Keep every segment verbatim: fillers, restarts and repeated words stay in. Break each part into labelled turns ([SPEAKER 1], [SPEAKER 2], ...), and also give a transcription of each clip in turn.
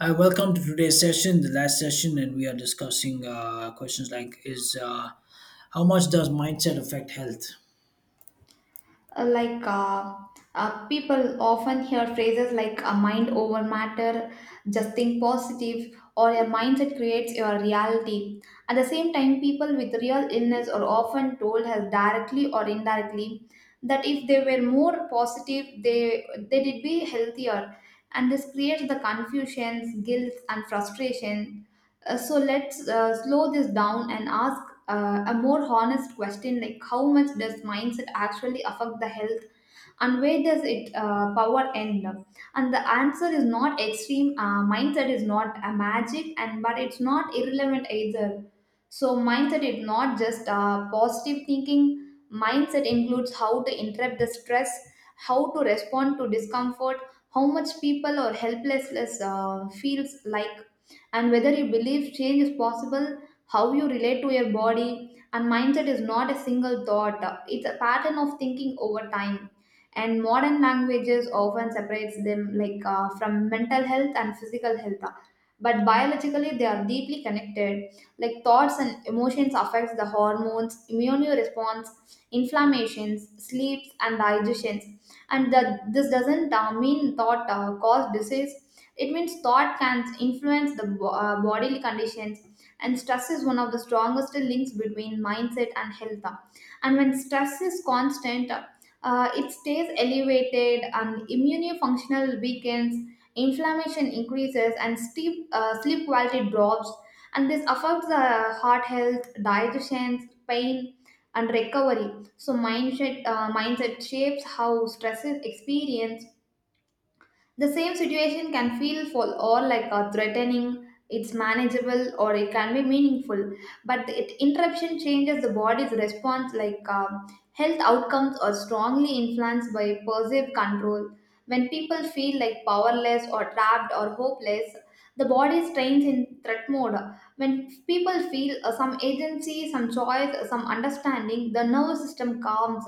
[SPEAKER 1] Hi, welcome to today's session, the last session, and we are discussing uh, questions like: Is uh, how much does mindset affect health?
[SPEAKER 2] Uh, like uh, uh, people often hear phrases like a mind over matter, just think positive or your mindset creates your reality. At the same time, people with real illness are often told as directly or indirectly that if they were more positive they they did be healthier, and this creates the confusions, guilt and frustration. Uh, so let's uh, slow this down and ask uh, a more honest question like how much does mindset actually affect the health, and where does it uh, power end up? And the answer is not extreme. Uh, mindset is not a magic and but it's not irrelevant either. So mindset is not just uh, positive thinking. Mindset includes how to interrupt the stress, how to respond to discomfort, how much people or helplessness uh, feels like, and whether you believe change is possible, how you relate to your body. And mindset is not a single thought, it's a pattern of thinking over time. And modern languages often separates them like, uh, from mental health and physical health, uh, but biologically they are deeply connected. Like thoughts and emotions affects the hormones, immune response, inflammations, sleeps and digestions. And that this doesn't uh, mean thought uh, cause disease. It means thought can influence the bo- uh, bodily conditions. And stress is one of the strongest links between mindset and health. And when stress is constant, uh, it stays elevated and immunofunctional weakens, inflammation increases, and sleep, uh, sleep quality drops. And this affects the heart health, digestion, pain, and recovery. So mindset, uh, mindset shapes how stress is experienced. The same situation can feel full or like a threatening, it's manageable or it can be meaningful, but the it, interruption changes the body's response. Like um, health outcomes are strongly influenced by perceived control. When people feel like powerless or trapped or hopeless, the body strains in threat mode. When people feel uh, some agency, some choice, some understanding, the nervous system calms.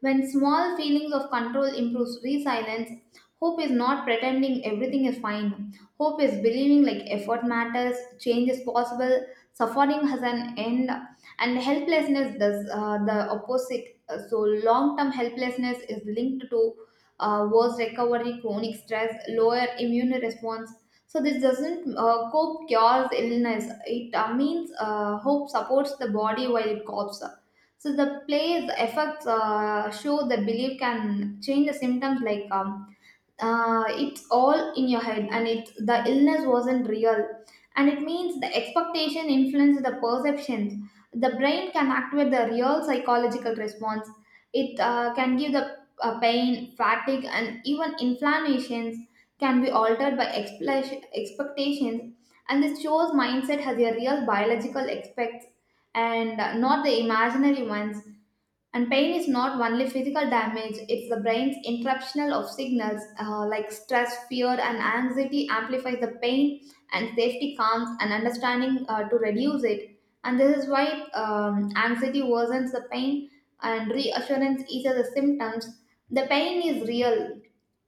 [SPEAKER 2] When small feelings of control improves resilience, hope is not pretending everything is fine. Hope is believing like effort matters, change is possible, suffering has an end, and helplessness does uh, the opposite. Uh, So, long term helplessness is linked to uh, worse recovery, chronic stress, lower immune response. So, this doesn't uh, cope cures illness. It uh, means uh, hope supports the body while it copes. So the plays effects uh, show that belief can change the symptoms. Like um, uh, it's all in your head and it the illness wasn't real, and it means the expectation influences the perceptions. The brain can activate the real psychological response. It uh, can give the uh, pain, fatigue and even inflammations can be altered by expla- expectations. And this shows mindset has a real biological aspects and not the imaginary ones. And pain is not only physical damage, it's the brain's interruption of signals, uh, like stress, fear, and anxiety amplifies the pain, and safety comes and understanding uh, to reduce it. And this is why um, anxiety worsens the pain, and reassurance eases the symptoms. The pain is real,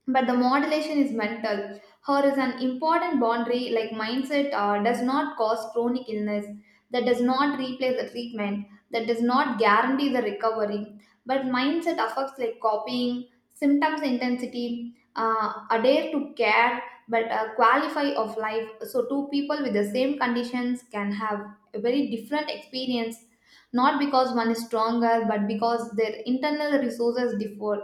[SPEAKER 2] but the modulation is mental. Her is an important boundary, like mindset uh, does not cause chronic illness, that does not replace the treatment, that does not guarantee the recovery. But mindset affects like copying, symptoms intensity, uh, adhere to care, but uh, qualify of life. So two people with the same conditions can have a very different experience, not because one is stronger but because their internal resources differ.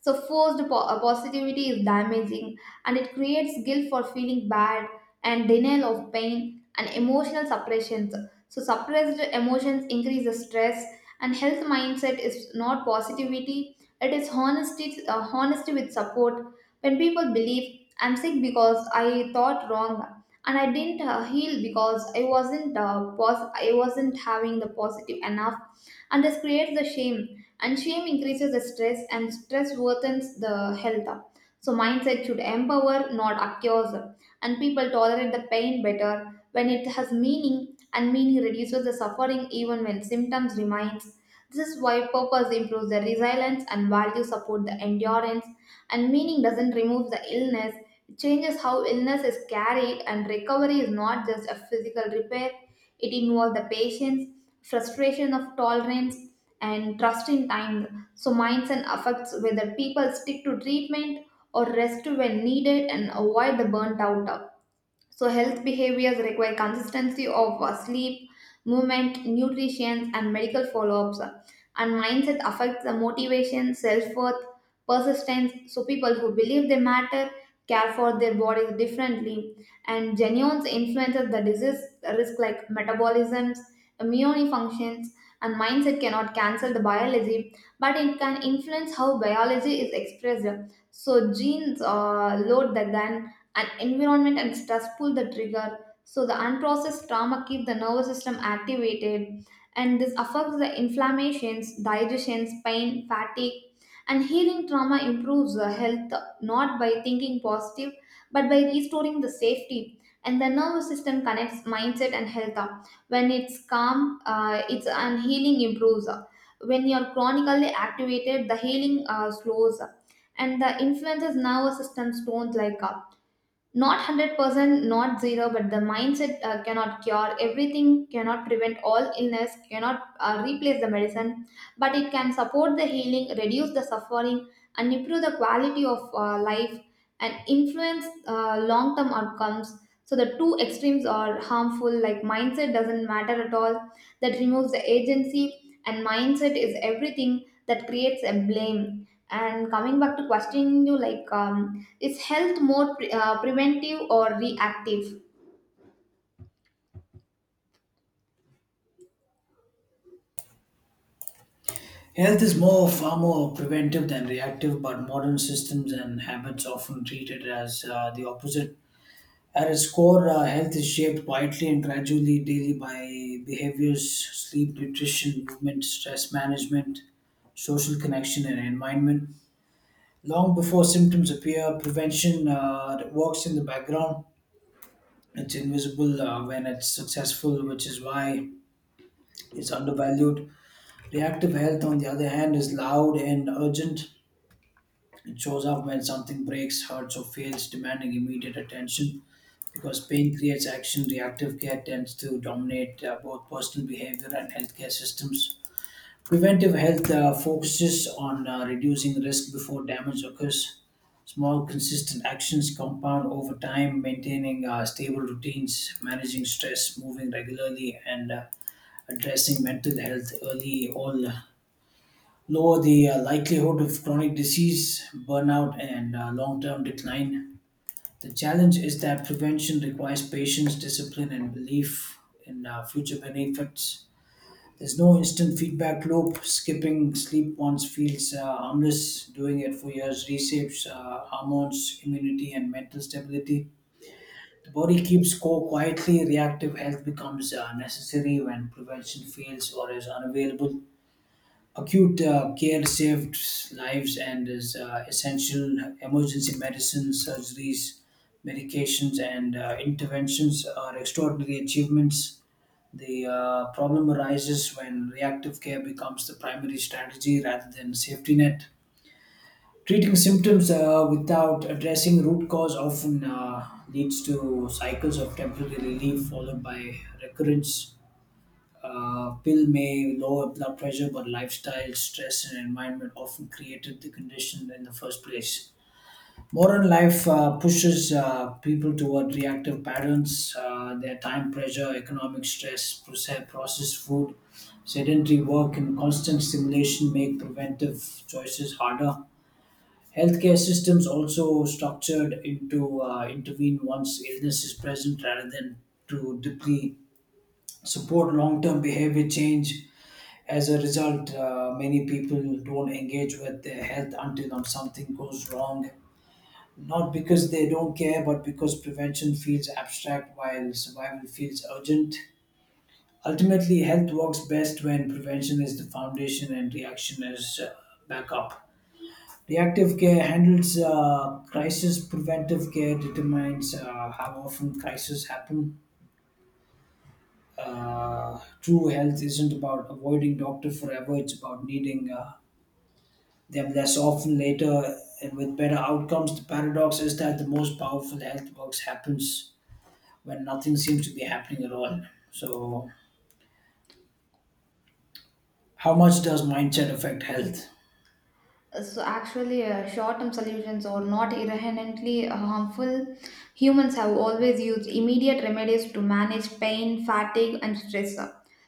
[SPEAKER 2] So, forced po- uh, positivity is damaging, and it creates guilt for feeling bad and denial of pain and emotional suppressions. So, suppressed emotions increase the stress, and health mindset is not positivity, it is honesty, uh, honesty with support. When people believe, I'm sick because I thought wrong and I didn't uh, heal because I wasn't uh, pos- I wasn't having the positive enough, and this creates the shame. And shame increases the stress and stress worsens the health up. So mindset should empower not accuse. And people tolerate the pain better when it has meaning, and meaning reduces the suffering even when symptoms remains. This is why purpose improves the resilience and value support the endurance. And meaning doesn't remove the illness, it changes how illness is carried. And recovery is not just a physical repair, it involves the patience, frustration of tolerance, and trust in time. So, mindset affects whether people stick to treatment or rest when needed and avoid the burnt out. So, health behaviors require consistency of uh, sleep, movement, nutrition, and medical follow ups. And mindset affects the motivation, self worth, persistence. So, people who believe they matter care for their bodies differently. And genomes influences the disease risk, like metabolisms, immune functions, and mindset cannot cancel the biology, but it can influence how biology is expressed. So, genes uh, load the gun and environment and stress pull the trigger. So the unprocessed trauma keep the nervous system activated, and this affects the inflammations, digestions, pain, fatigue. And healing trauma improves the health, not by thinking positive, but by restoring the safety. And the nervous system connects mindset and health. When it's calm, uh, it's and healing improves. When you're chronically activated the healing uh, slows. And the influences nervous system stones like, not one hundred percent not zero, but the mindset uh, cannot cure everything, cannot prevent all illness, cannot uh, replace the medicine, but it can support the healing, reduce the suffering, and improve the quality of uh, life, and influence uh, long term outcomes. So the two extremes are harmful, like mindset doesn't matter at all, that removes the agency, and mindset is everything, that creates a blame. And coming back to questioning you like, um, is health more pre- uh, preventive or reactive?
[SPEAKER 1] Health is more far more preventive than reactive, but modern systems and habits often treat it as uh, the opposite. At its core, uh, health is shaped quietly and gradually daily by behaviors, sleep, nutrition, movement, stress management, social connection, and environment. Long before symptoms appear, prevention uh, works in the background. It's invisible uh, when it's successful, which is why it's undervalued. Reactive health, on the other hand, is loud and urgent. It shows up when something breaks, hurts, or fails, demanding immediate attention. Because pain creates action, reactive care tends to dominate uh, both personal behavior and healthcare systems. Preventive health uh, focuses on uh, reducing risk before damage occurs. Small, consistent actions compound over time, maintaining uh, stable routines, managing stress, moving regularly, and uh, addressing mental health early all lower the uh, likelihood of chronic disease, burnout, and uh, long term decline. The challenge is that prevention requires patience, discipline, and belief in uh, future benefits. There's no instant feedback loop. Skipping sleep once feels uh, harmless. Doing it for years reshapes uh, hormones, immunity, and mental stability. The body keeps score quietly. Reactive health becomes uh, necessary when prevention fails or is unavailable. Acute uh, care saves lives and is uh, essential. Emergency medicines, surgeries, medications, and uh, interventions are extraordinary achievements. The uh, problem arises when reactive care becomes the primary strategy rather than safety net. Treating symptoms uh, without addressing root cause often uh, leads to cycles of temporary relief followed by recurrence. Uh, pill may lower blood pressure, but lifestyle, stress, and environment often created the condition in the first place. Modern life uh, pushes uh, people toward reactive patterns. Uh, their time pressure, economic stress, proce- processed food, sedentary work, and constant stimulation make preventive choices harder. Healthcare systems also structured into uh, intervene once illness is present rather than to deeply support long-term behavior change. As a result, uh, many people don't engage with their health until um, something goes wrong, not because they don't care, but because prevention feels abstract while survival feels urgent. Ultimately, health works best when prevention is the foundation and reaction is uh, backup. Reactive care handles uh, crisis, preventive care determines uh, how often crises happen. Uh, true health isn't about avoiding doctor forever, it's about needing uh, them less often later and with better outcomes. The paradox is that the most powerful health works happens when nothing seems to be happening at all. So, how much does mindset affect health?
[SPEAKER 2] So actually, uh, short-term solutions are not inherently uh, harmful. Humans have always used immediate remedies to manage pain, fatigue, and stress.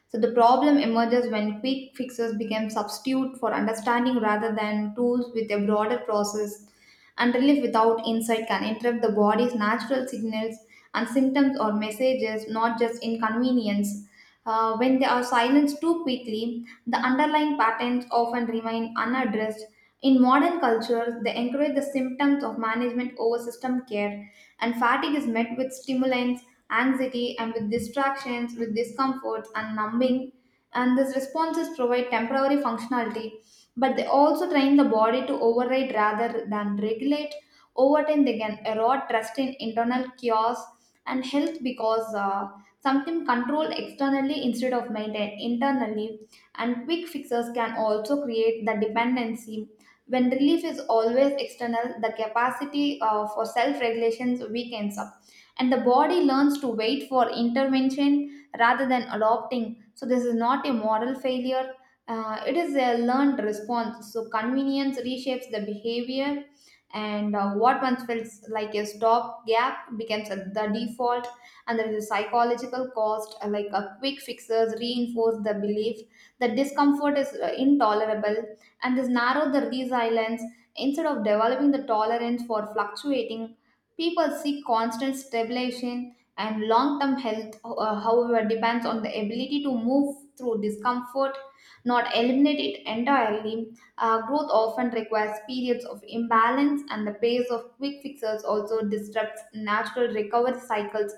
[SPEAKER 2] So the problem emerges when quick fixes become substitute for understanding rather than tools with a broader process. And relief without insight can interrupt the body's natural signals, and symptoms or messages, not just inconvenience. Uh, when they are silenced too quickly, the underlying patterns often remain unaddressed. In modern cultures, they encourage the symptoms of management over system care, and fatigue is met with stimulants, anxiety, and with distractions, with discomforts and numbing. And these responses provide temporary functionality, but they also train the body to override rather than regulate. Over time, they can erode trust in internal chaos and health because uh, something controlled externally instead of maintained internally. And quick fixes can also create the dependency. When relief is always external, the capacity uh, for self regulations weakens up, and the body learns to wait for intervention rather than adopting. So, this is not a moral failure, uh, it is a learned response. So, convenience reshapes the behavior, and uh, what once felt like a stop gap becomes a- the default. And there is a psychological cost, uh, like a quick fixes reinforce the belief that discomfort is uh, intolerable, and this narrowed the, these islands. Instead of developing the tolerance for fluctuating, people seek constant stabilization, and long-term health uh, however depends on the ability to move through discomfort, not eliminate it entirely. Uh, growth often requires periods of imbalance, and the pace of quick fixes also disrupts natural recovery cycles,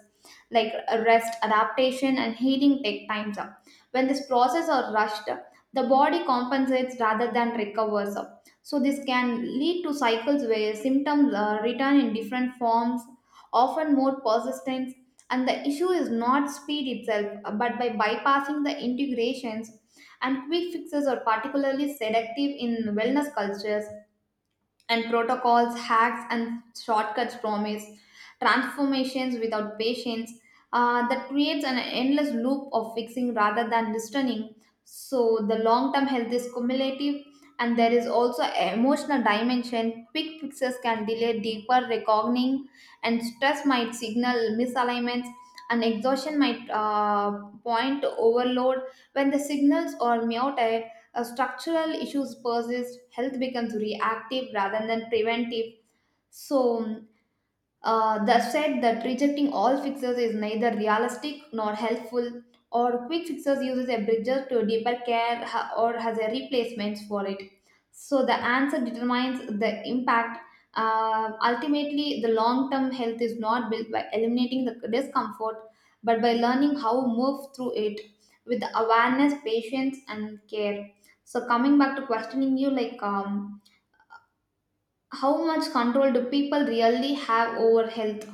[SPEAKER 2] like rest, adaptation and healing take times up. When this process are rushed, the body compensates rather than recovers. So this can lead to cycles where symptoms uh, return in different forms, often more persistent. And the issue is not speed itself, but by bypassing the integrations. And quick fixes are particularly seductive in wellness cultures, and protocols, hacks, and shortcuts promise transformations without patience. Uh, that creates an endless loop of fixing rather than returning. So the long-term health is cumulative, and there is also a emotional dimension. Quick fixes can delay deeper reckoning, and stress might signal misalignments. And exhaustion might uh, point to overload. When the signals are muted, as structural issues persist, health becomes reactive rather than preventive. So, uh, that said, that rejecting all fixers is neither realistic nor helpful, or quick fixers uses a bridger to deeper care ha- or has a replacements for it. So the answer determines the impact. Uh, ultimately, the long-term health is not built by eliminating the discomfort, but by learning how to move through it with awareness, patience, and care. So coming back to questioning you, like um, how much control do people really have over health?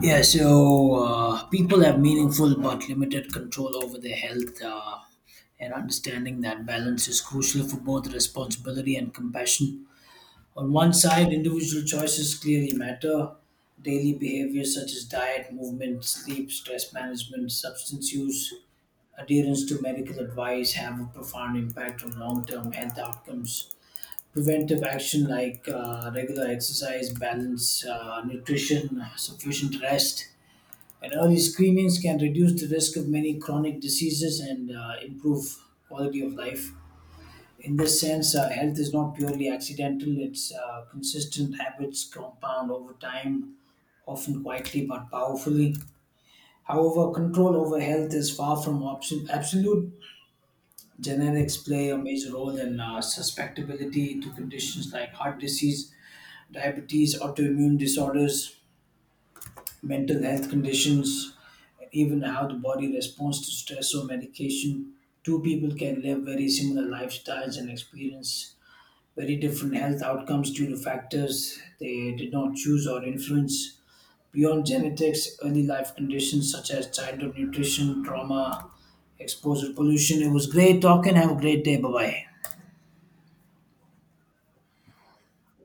[SPEAKER 1] Yeah, so uh, people have meaningful but limited control over their health, uh, and understanding that balance is crucial for both responsibility and compassion. On one side, individual choices clearly matter. Daily behaviors such as diet, movement, sleep, stress management, substance use, adherence to medical advice have a profound impact on long term health outcomes. Preventive action like uh, regular exercise, balance, uh, nutrition, sufficient rest, and early screenings can reduce the risk of many chronic diseases and uh, improve quality of life. In this sense, uh, health is not purely accidental, it's uh, consistent habits compound over time, often quietly but powerfully. However, control over health is far from option- absolute. Genetics play a major role in uh, susceptibility to conditions like heart disease, diabetes, autoimmune disorders, mental health conditions, even how the body responds to stress or medication. Two people can live very similar lifestyles and experience very different health outcomes due to factors they did not choose or influence. Beyond genetics, early life conditions such as childhood nutrition, trauma, exposure, pollution. It was great talking. Have a great day. Bye bye.